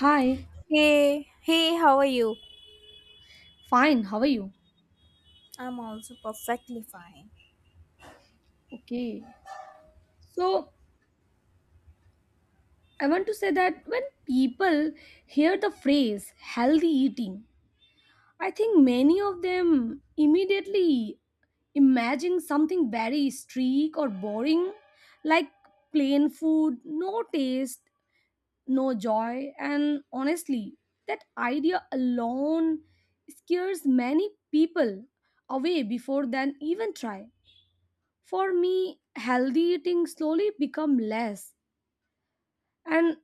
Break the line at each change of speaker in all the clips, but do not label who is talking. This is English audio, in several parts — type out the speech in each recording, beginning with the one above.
Hi,
Hey, hey, how are you?
fine, how are you?
I'm also perfectly fine.
Okay, so I want to say that when people hear the phrase healthy eating, I think many of them immediately imagine something very strict or boring, like plain food, no taste, no joy, and honestly, that idea alone scares many people away before than even try. For me, healthy eating slowly become less and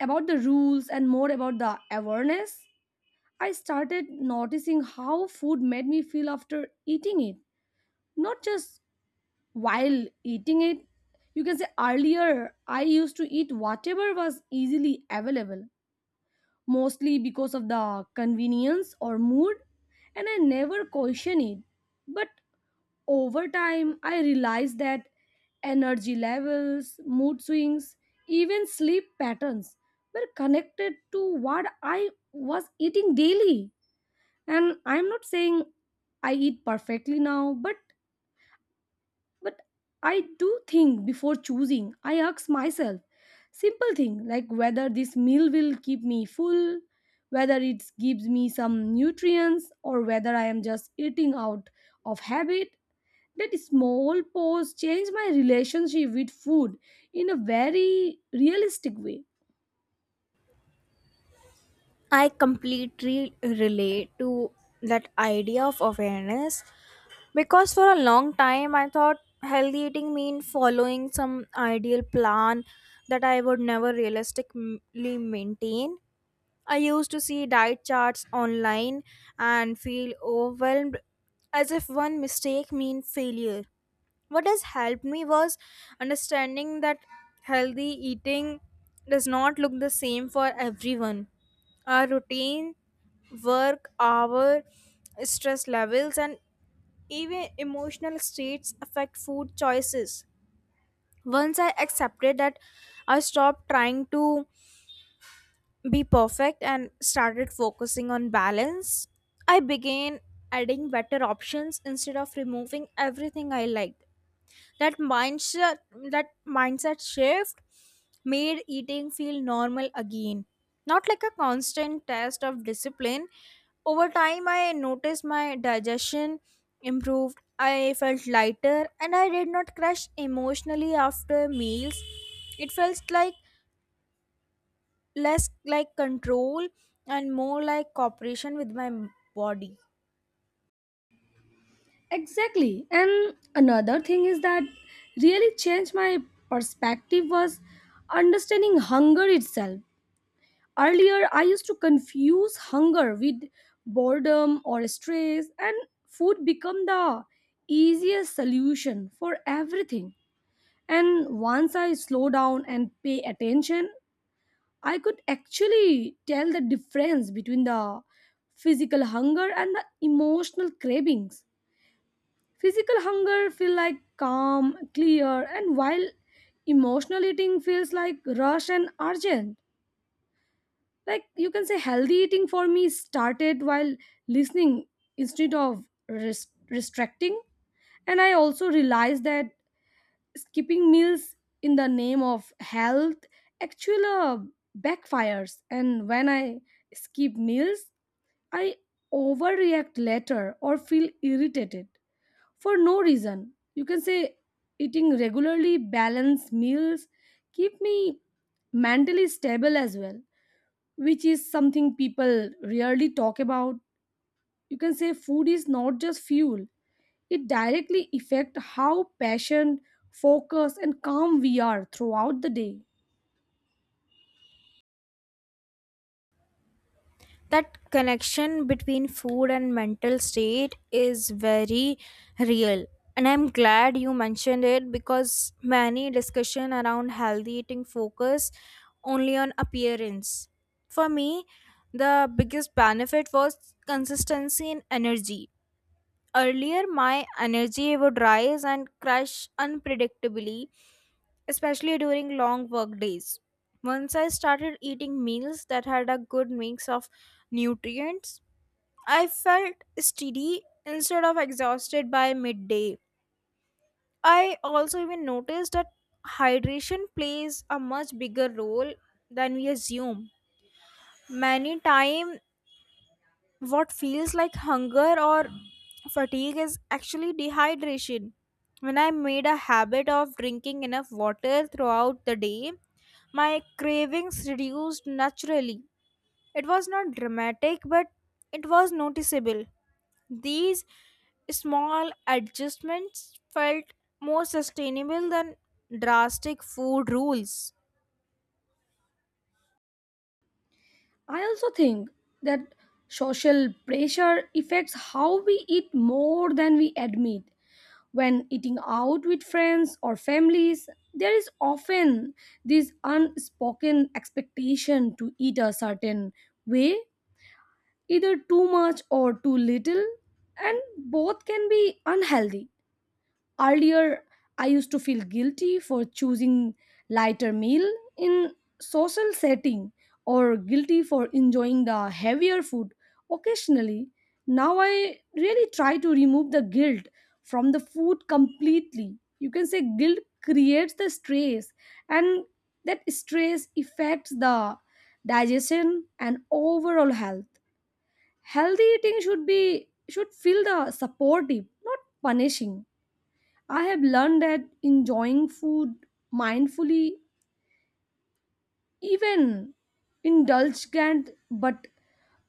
about the rules and more about the awareness. I started noticing how food made me feel after eating it, not just while eating it. You can say earlier I used to eat whatever was easily available, mostly because of the convenience or mood, and I never question it. But over time, I realized that energy levels, mood swings, even sleep patterns were connected to what I was eating daily. And I'm not saying I eat perfectly now, but I do think before choosing. I ask myself simple thing like whether this meal will keep me full, whether it gives me some nutrients, or whether I am just eating out of habit. That small pause changed my relationship with food in a very realistic way.
I completely relate to that idea of awareness because for a long time I thought healthy eating mean following some ideal plan that I would never realistically maintain. I used to see diet charts online and feel overwhelmed as if one mistake mean failure. What has helped me was understanding that healthy eating does not look the same for everyone. Our routine, work hour, stress levels, and even emotional states affect food choices. Once I accepted that, I stopped trying to be perfect and started focusing on balance. I began adding better options instead of removing everything I liked. That mindset that mindset shift made eating feel normal again. Not like a constant test of discipline. Over time I noticed my digestion improved. I felt lighter and I did not crash emotionally after meals. It felt like less like control and more like cooperation with my body.
Exactly. And another thing is that really changed my perspective was understanding hunger itself. Earlier, I used to confuse hunger with boredom or stress, and food became the easiest solution for everything. And once I slow down and pay attention, I could actually tell the difference between the physical hunger and the emotional cravings. Physical hunger feel like calm, clear, and while emotional eating feels like rush and urgent. Like you can say healthy eating for me started while listening instead of restricting. And I also realized that skipping meals in the name of health actually backfires, and when I skip meals I overreact later or feel irritated for no reason. You can say eating regularly balanced meals keep me mentally stable as well, which is something people rarely talk about. You can say food is not just fuel, it directly affects how patient, focused and calm we are throughout the day.
That connection between food and mental state is very real, and I'm glad you mentioned it because many discussion around healthy eating focus only on appearance. For me, the biggest benefit was consistency in energy. Earlier my energy would rise and crash unpredictably, especially during long work days. Once I started eating meals that had a good mix of nutrients, I felt steady instead of exhausted by midday. I also even noticed that hydration plays a much bigger role than we assume. Many time what feels like hunger or fatigue is actually dehydration. When I made a habit of drinking enough water throughout the day, my cravings reduced naturally. It was not dramatic, but it was noticeable. These small adjustments felt more sustainable than drastic food rules.
I also think that social pressure affects how we eat more than we admit. When eating out with friends or families, there is often this unspoken expectation to eat a certain way, either too much or too little, and both can be unhealthy. Earlier, I used to feel guilty for choosing lighter meal in social setting or guilty for enjoying the heavier food occasionally. Now I really try to remove the guilt from the food completely. You can say guilt creates the stress and that stress affects the digestion and overall health. Healthy eating should be should feel the supportive, not punishing. I have learned that enjoying food mindfully, even indulgent, but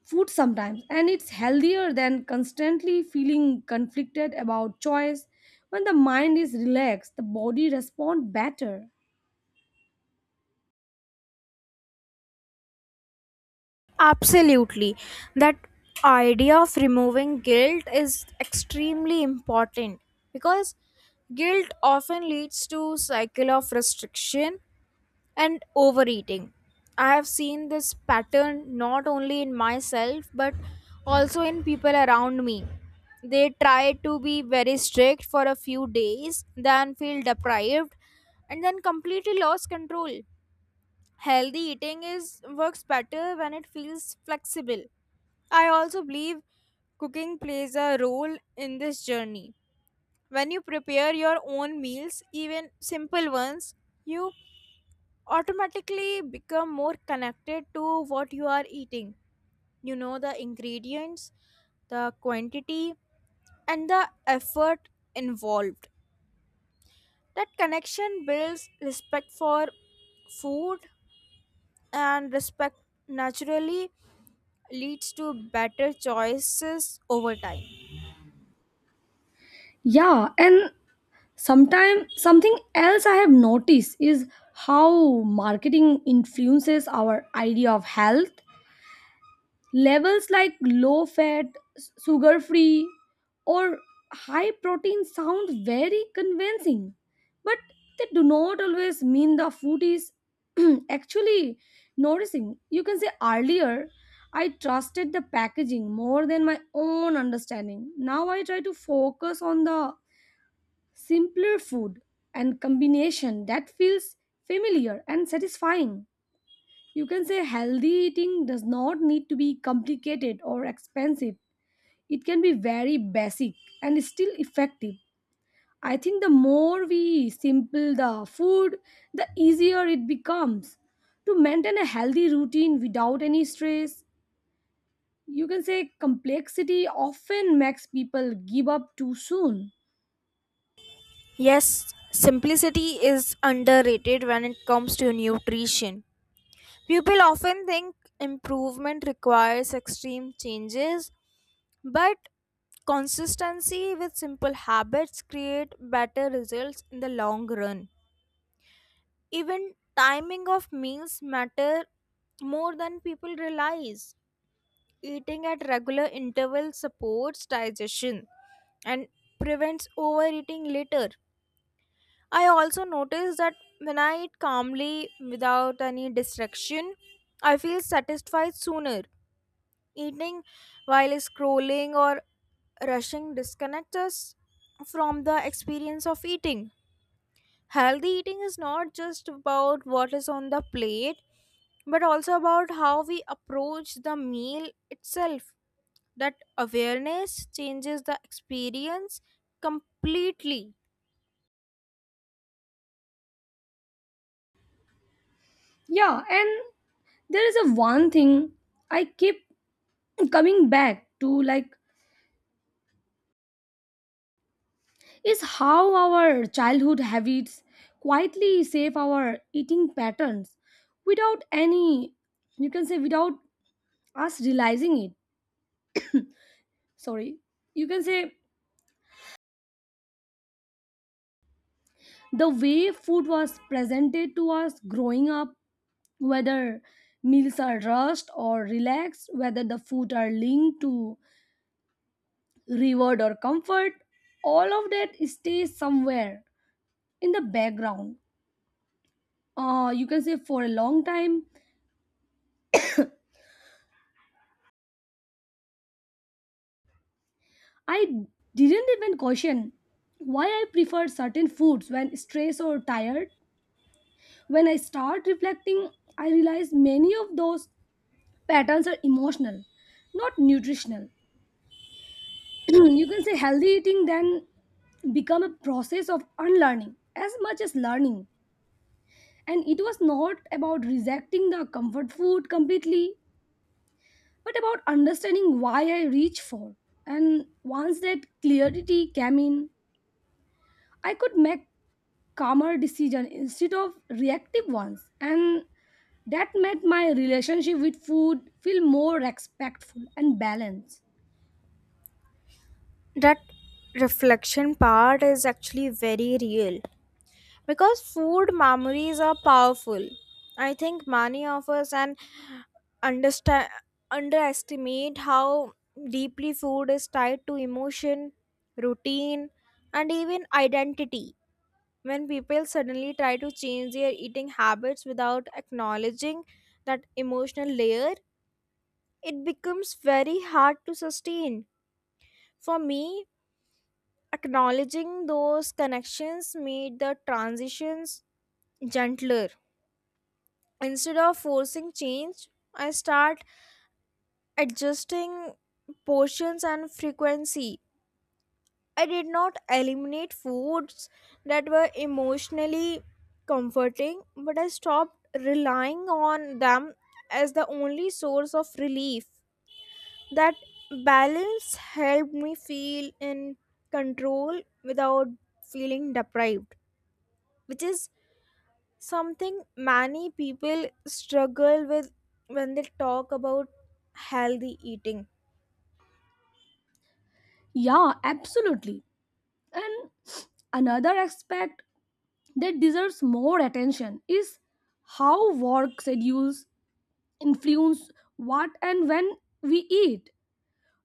food sometimes, and it's healthier than constantly feeling conflicted about choice. When the mind is relaxed, the body responds better.
Absolutely. That idea of removing guilt is extremely important because guilt often leads to cycle of restriction and overeating. I have seen this pattern not only in myself but also in people around me. They try to be very strict for a few days, then feel deprived and then completely lost control. Healthy eating is works better when it feels flexible. I also believe cooking plays a role in this journey. When you prepare your own meals, even simple ones, you automatically become more connected to what you are eating. You know the ingredients, the quantity, and the effort involved. That connection builds respect for food, and respect naturally leads to better choices over time.
Yeah, and sometimes something else I have noticed is how marketing influences our idea of health. Levels like low fat, sugar free, or high protein sound very convincing, but they do not always mean the food is actually nourishing. You can say earlier, I trusted the packaging more than my own understanding. Now I try to focus on the simpler food and combination that feels familiar and satisfying. You can say healthy eating does not need to be complicated or expensive. It can be very basic and still effective. I think the more we simple the food, the easier it becomes to maintain a healthy routine without any stress. You can say complexity often makes people give up too soon.
Yes, simplicity is underrated when it comes to nutrition. People often think improvement requires extreme changes, but consistency with simple habits create better results in the long run. Even timing of meals matter more than people realize. Eating at regular intervals supports digestion and prevents overeating later. I also notice that when I eat calmly without any distraction, I feel satisfied sooner. Eating while scrolling or rushing disconnects us from the experience of eating. Healthy eating is not just about what is on the plate, but also about how we approach the meal itself. That awareness changes the experience completely.
Yeah, and there is a one thing I keep coming back to, like, is how our childhood habits quietly shape our eating patterns without any, you can say, without us realizing it. Sorry, you can say the way food was presented to us growing up, whether meals are rushed or relaxed, whether the food are linked to reward or comfort, all of that stays somewhere in the background. You can say for a long time I didn't even question why I prefer certain foods when stressed or tired. When I start reflecting, I realize many of those patterns are emotional, not nutritional. You can say healthy eating then become a process of unlearning as much as learning. And it was not about rejecting the comfort food completely, but about understanding why I reach for. And once that clarity came in, I could make calmer decision instead of reactive ones, and that made my relationship with food feel more respectful and balanced.
That reflection part is actually very real because food memories are powerful. I think many of us and understand underestimate how deeply food is tied to emotion, routine, and even identity. When people suddenly try to change their eating habits without acknowledging that emotional layer, it becomes very hard to sustain. For me, acknowledging those connections made the transitions gentler. Instead of forcing change, I start adjusting portions and frequency. I did not eliminate foods that were emotionally comforting, but I stopped relying on them as the only source of relief. That balance helped me feel in control without feeling deprived, which is something many people struggle with when they talk about healthy eating.
Yeah, absolutely. And another aspect that deserves more attention is how work schedules influence what and when we eat.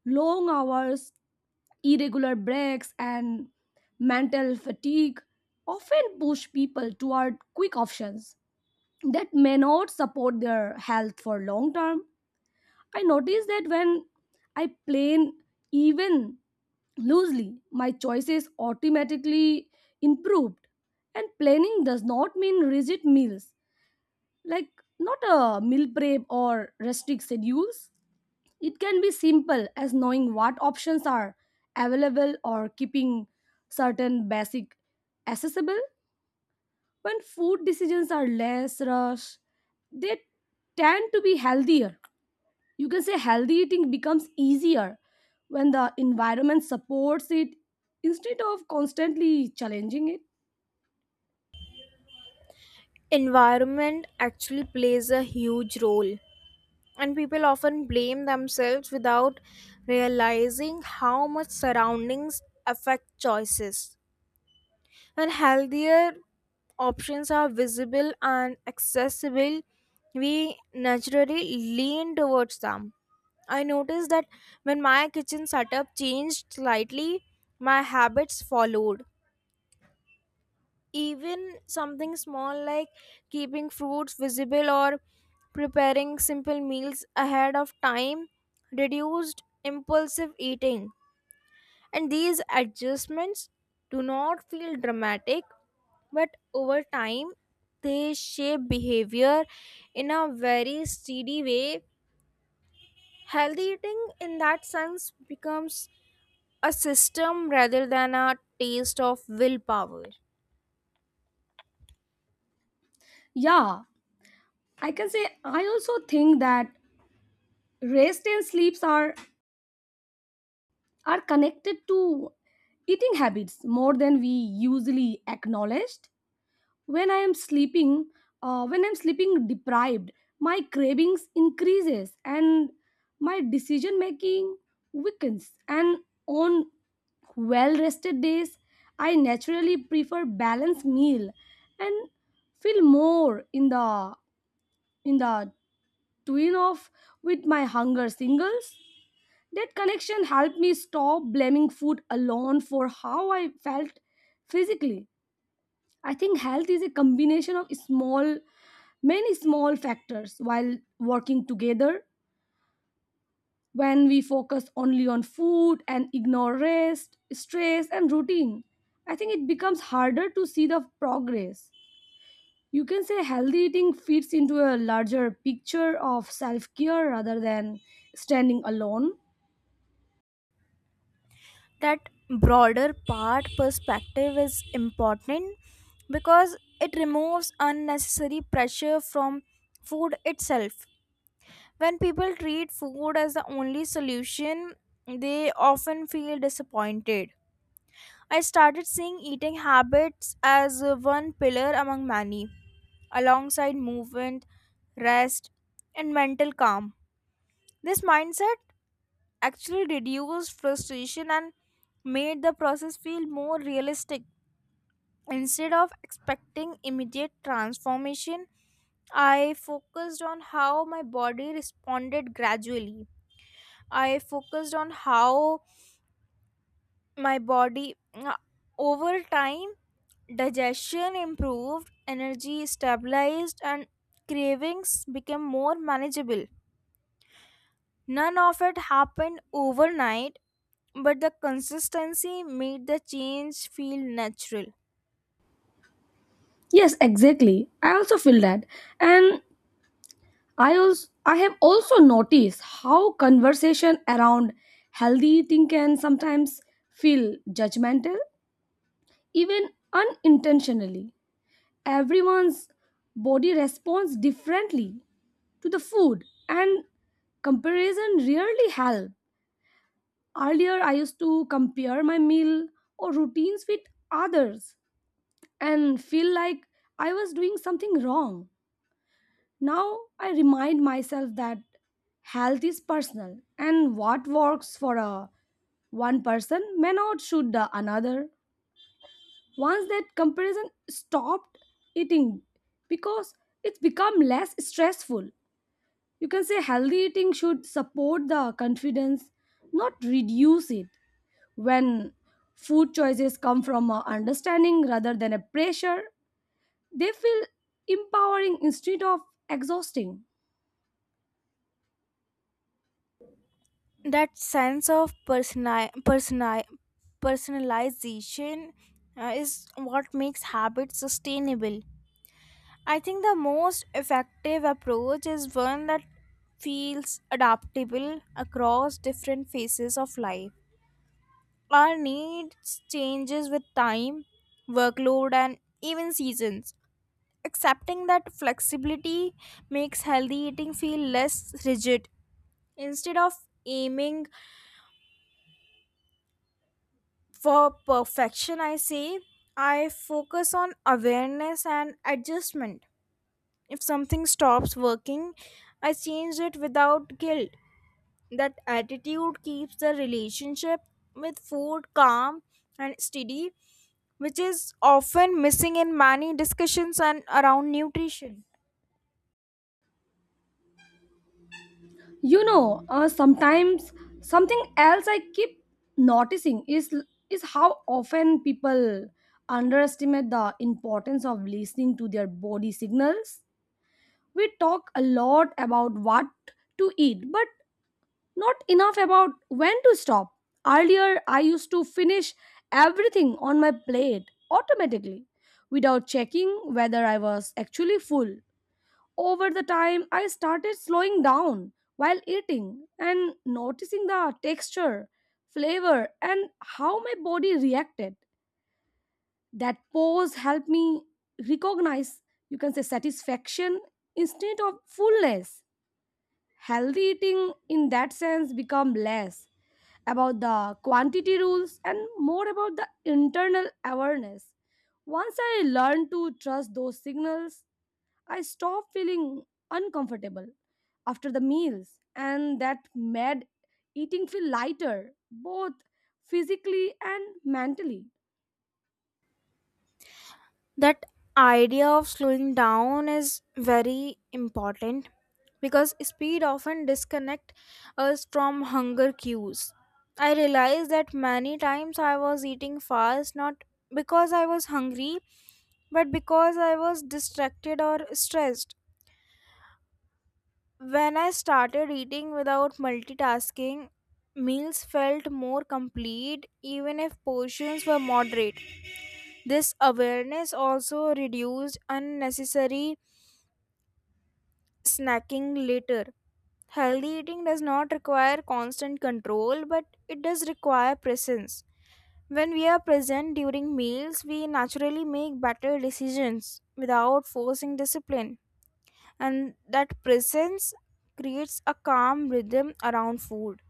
Long hours, irregular breaks and mental fatigue often push people toward quick options that may not support their health for long term. I notice that when I plan even loosely, my choices automatically improved. And planning does not mean rigid meals, like not a meal prep or restrict schedules. It can be simple as knowing what options are available or keeping certain basic accessible. When food decisions are less rushed, they tend to be healthier. You can say healthy eating becomes easier when the environment supports it instead of constantly challenging it.
Environment actually plays a huge role, and people often blame themselves without realizing how much surroundings affect choices. When healthier options are visible and accessible, we naturally lean towards them. I noticed that when my kitchen setup changed slightly, my habits followed. Even something small like keeping fruits visible or preparing simple meals ahead of time reduced impulsive eating. And these adjustments do not feel dramatic, but over time they shape behavior in a very steady way. Healthy eating in that sense becomes a system rather than a taste of willpower.
Yeah, I can say I also think that rest and sleeps are connected to eating habits more than we usually acknowledge. when i am sleeping when I'm sleeping deprived, my cravings increases and my decision making weakens. And on well rested days I naturally prefer balanced meal and feel more in the twin off with my hunger singles. That connection helped me stop blaming food alone for how I felt physically. I think health is a combination of small, many small factors while working together. When we focus only on food and ignore rest, stress, and routine, I think it becomes harder to see the progress. You can say healthy eating fits into a larger picture of self care rather than standing alone.
That broader part perspective is important because it removes unnecessary pressure from food itself. When people treat food as the only solution, they often feel disappointed. I started seeing eating habits as one pillar among many, alongside movement, rest, and mental calm. This mindset actually reduced frustration and made the process feel more realistic. Instead of expecting immediate transformation, I focused on how my body responded gradually. I focused on how my body over time. Digestion improved, energy stabilized, and cravings became more manageable. None of it happened overnight, but the consistency made the change feel natural.
Yes, exactly. I also feel that. And I have also noticed how conversation around healthy eating can sometimes feel judgmental, even unintentionally. Everyone's body responds differently to the food and comparison really help. Earlier I used to compare my meal or routines with others and feel like I was doing something wrong. Now I remind myself that health is personal and what works for a one person may not suit the another. Once that comparison stopped, eating because it's become less stressful. You can say healthy eating should support the confidence, not reduce it. When food choices come from a understanding rather than a pressure, they feel empowering instead of exhausting.
That sense of personalization is what makes habits sustainable. I think the most effective approach is one that feels adaptable across different phases of life. Our needs changes with time, workload and even seasons. Accepting that flexibility makes healthy eating feel less rigid. Instead of aiming for perfection, I focus on awareness and adjustment. If something stops working, I change it without guilt. That attitude keeps the relationship with food calm and steady, which is often missing in many discussions and around nutrition.
You know, sometimes something else I keep noticing is how often people underestimate the importance of listening to their body signals. We talk a lot about what to eat, but not enough about when to stop. Earlier, I used to finish everything on my plate automatically without checking whether I was actually full. Over the time, I started slowing down while eating and noticing the texture, flavor, and how my body reacted. That pause helped me recognize, you can say, satisfaction instead of fullness. Healthy eating, in that sense, become less about the quantity rules and more about the internal awareness. Once I learned to trust those signals, I stopped feeling uncomfortable after the meals, and that made eating feel lighter, both physically and mentally.
That idea of slowing down is very important because speed often disconnect us from hunger cues. I realized that many times I was eating fast not because I was hungry but because I was distracted or stressed. When I started eating without multitasking, meals felt more complete even if portions were moderate. This awareness also reduced unnecessary snacking later. Healthy eating does not require constant control, but it does require presence. When we are present during meals, we naturally make better decisions without forcing discipline, and that presence creates a calm rhythm around food.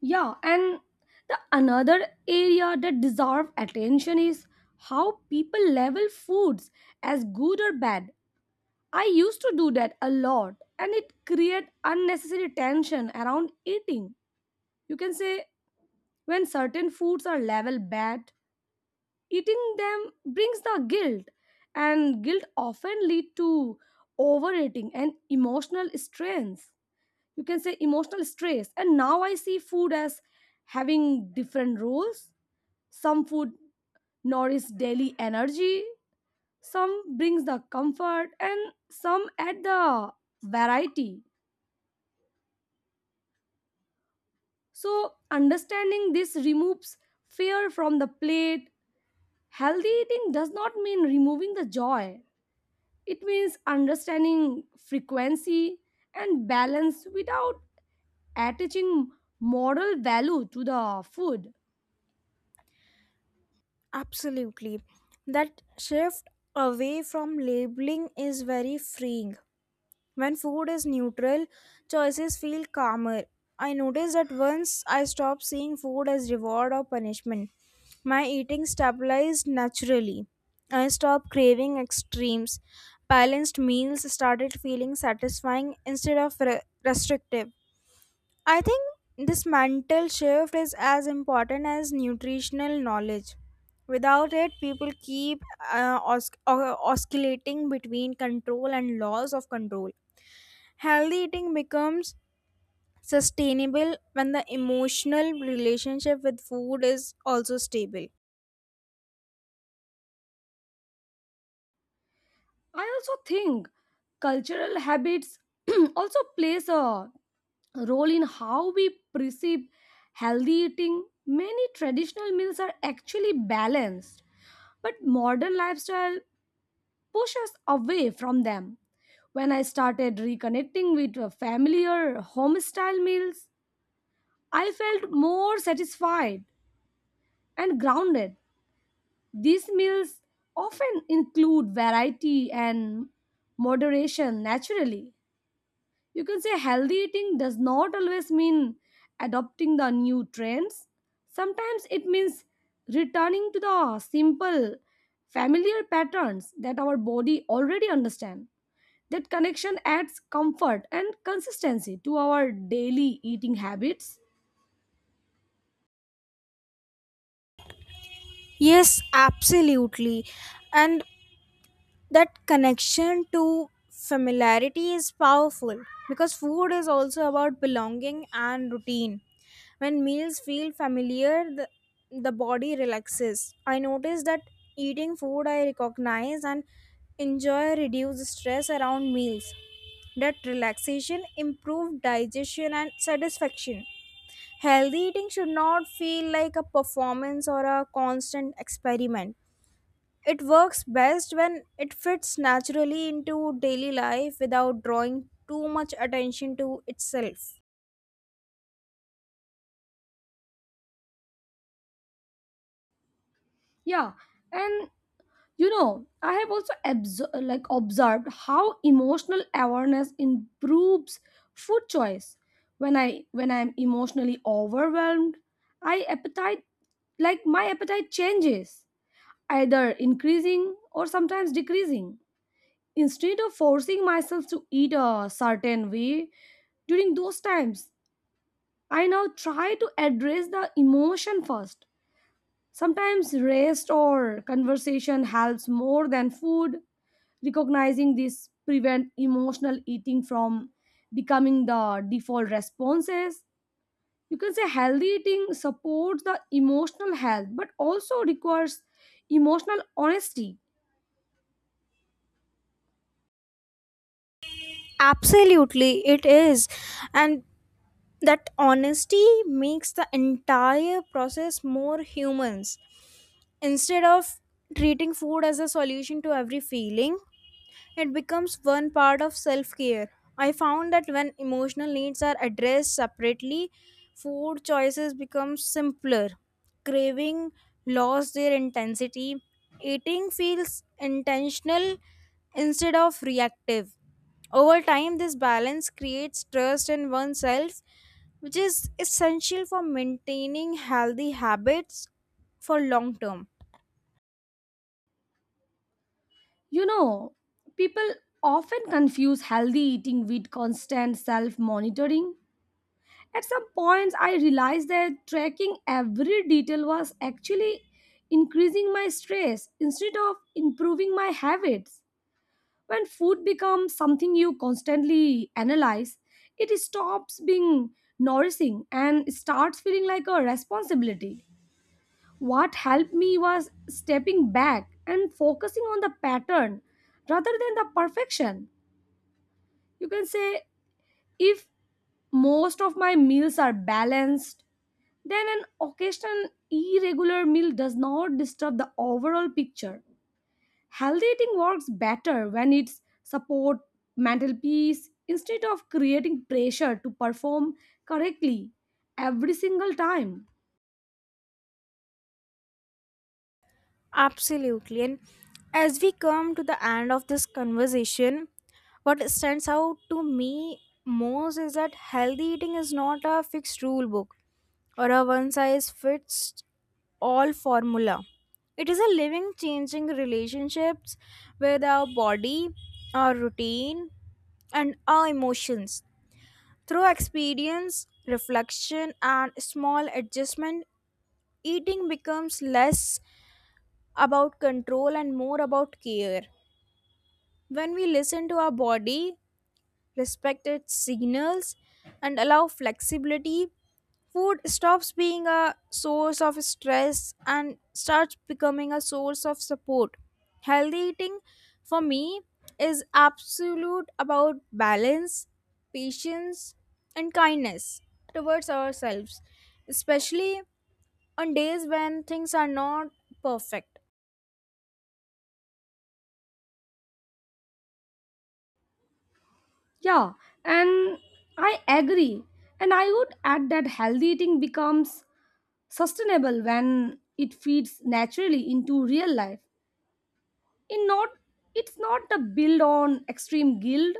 Yeah, and the another area that deserves attention is how people label foods as good or bad. I used to do that a lot, and it create unnecessary tension around eating. You can say when certain foods are labeled bad, eating them brings the guilt, and guilt often lead to overeating and emotional strains. You can say emotional stress. And now I see food as having different roles. Some food nourishes daily energy, some brings the comfort and some add the variety. So understanding this removes fear from the plate. Healthy eating does not mean removing the joy. It means understanding frequency and balance without attaching moral value to the food.
Absolutely. That shift away from labeling is very freeing. When food is neutral, choices feel calmer. I noticed that once I stopped seeing food as reward or punishment, my eating stabilized naturally. I stopped craving extremes. Balanced meals started feeling satisfying instead of restrictive. I think this mental shift is as important as nutritional knowledge. Without it, people keep oscillating between control and loss of control. Healthy eating becomes sustainable when the emotional relationship with food is also stable.
I also think cultural habits also plays a role in how we perceive healthy eating. Many traditional meals are actually balanced, but modern lifestyle pushes us away from them. When I started reconnecting with familiar home style meals, I felt more satisfied and grounded. These meals often include variety and moderation naturally. You can say healthy eating does not always mean adopting the new trends. Sometimes it means returning to the simple, familiar patterns that our body already understands. That connection adds comfort and consistency to our daily eating habits.
Yes, absolutely. And that connection to familiarity is powerful because food is also about belonging and routine. When meals feel familiar, the body relaxes. I notice that eating food I recognize and enjoy reduce stress around meals. That relaxation improves digestion and satisfaction. Healthy eating should not feel like a performance or a constant experiment. It works best when it fits naturally into daily life without drawing too much attention to itself.
Yeah, and you know, I have also like observed how emotional awareness improves food choice. When I'm emotionally overwhelmed, I appetite like my appetite changes, either increasing or sometimes decreasing. Instead of forcing myself to eat a certain way during those times, I now try to address the emotion first. Sometimes rest or conversation helps more than food. Recognizing this prevent emotional eating from becoming the default responses. You can say healthy eating supports the emotional health but also requires emotional honesty.
Absolutely, it is. And that honesty makes the entire process more humans. Instead of treating food as a solution to every feeling, it becomes one part of self care. I found that when emotional needs are addressed separately, food choices become simpler. Craving lost their intensity. Eating feels intentional instead of reactive. Over time, this balance creates trust in oneself, which is essential for maintaining healthy habits for long term.
You know, people often confuse healthy eating with constant self monitoring. At some points I realized that tracking every detail was actually increasing my stress instead of improving my habits. When food becomes something you constantly analyze, it stops being nourishing and starts feeling like a responsibility. What helped me was stepping back and focusing on the pattern rather than the perfection. You can say if most of my meals are balanced, then an occasional irregular meal does not disturb the overall picture. Healthy eating works better when it's support mental peace instead of creating pressure to perform correctly every single time.
Absolutely. And as we come to the end of this conversation, what stands out to me most is that healthy eating is not a fixed rule book or a one size fits all formula. It is a living, changing relationships with our body, our routine, and our emotions. Through experience, reflection, and small adjustment, eating becomes less about control and more about care. When we listen to our body, respect its signals, and allow flexibility, food stops being a source of stress and starts becoming a source of support. Healthy eating, for me, is absolute about balance, patience, and kindness towards ourselves, especially on days when things are not perfect.
Yeah, and I agree. And I would add that healthy eating becomes sustainable when it feeds naturally into real life. In not it's not a build on extreme guilt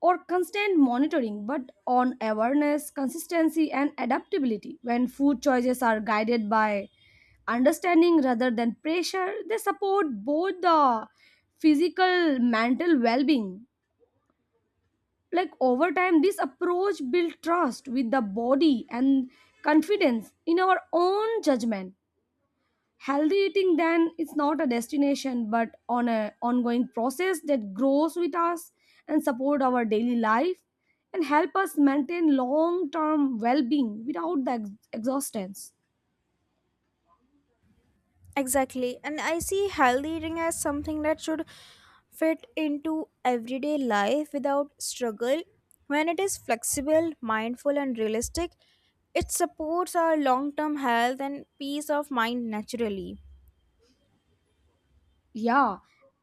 or constant monitoring, but on awareness, consistency, and adaptability. When food choices are guided by understanding rather than pressure, they support both the physical, mental well being. Like over time, this approach builds trust with the body and confidence in our own judgment. Healthy eating then it's not a destination but on a ongoing process that grows with us and support our daily life and help us maintain long-term well-being without the exhaustance.
Exactly. And I see healthy eating as something that should fit into everyday life without struggle. When it is flexible, mindful, and realistic, it supports our long term health and peace of mind naturally.
Yeah.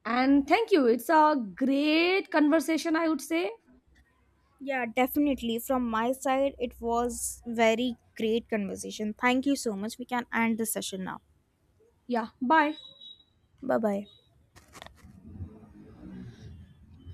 And thank you. It's a great conversation I would say.
Yeah, definitely. From my side, it was very great conversation. Thank you so much. We can end the session now.
Yeah. Bye.
Bye bye.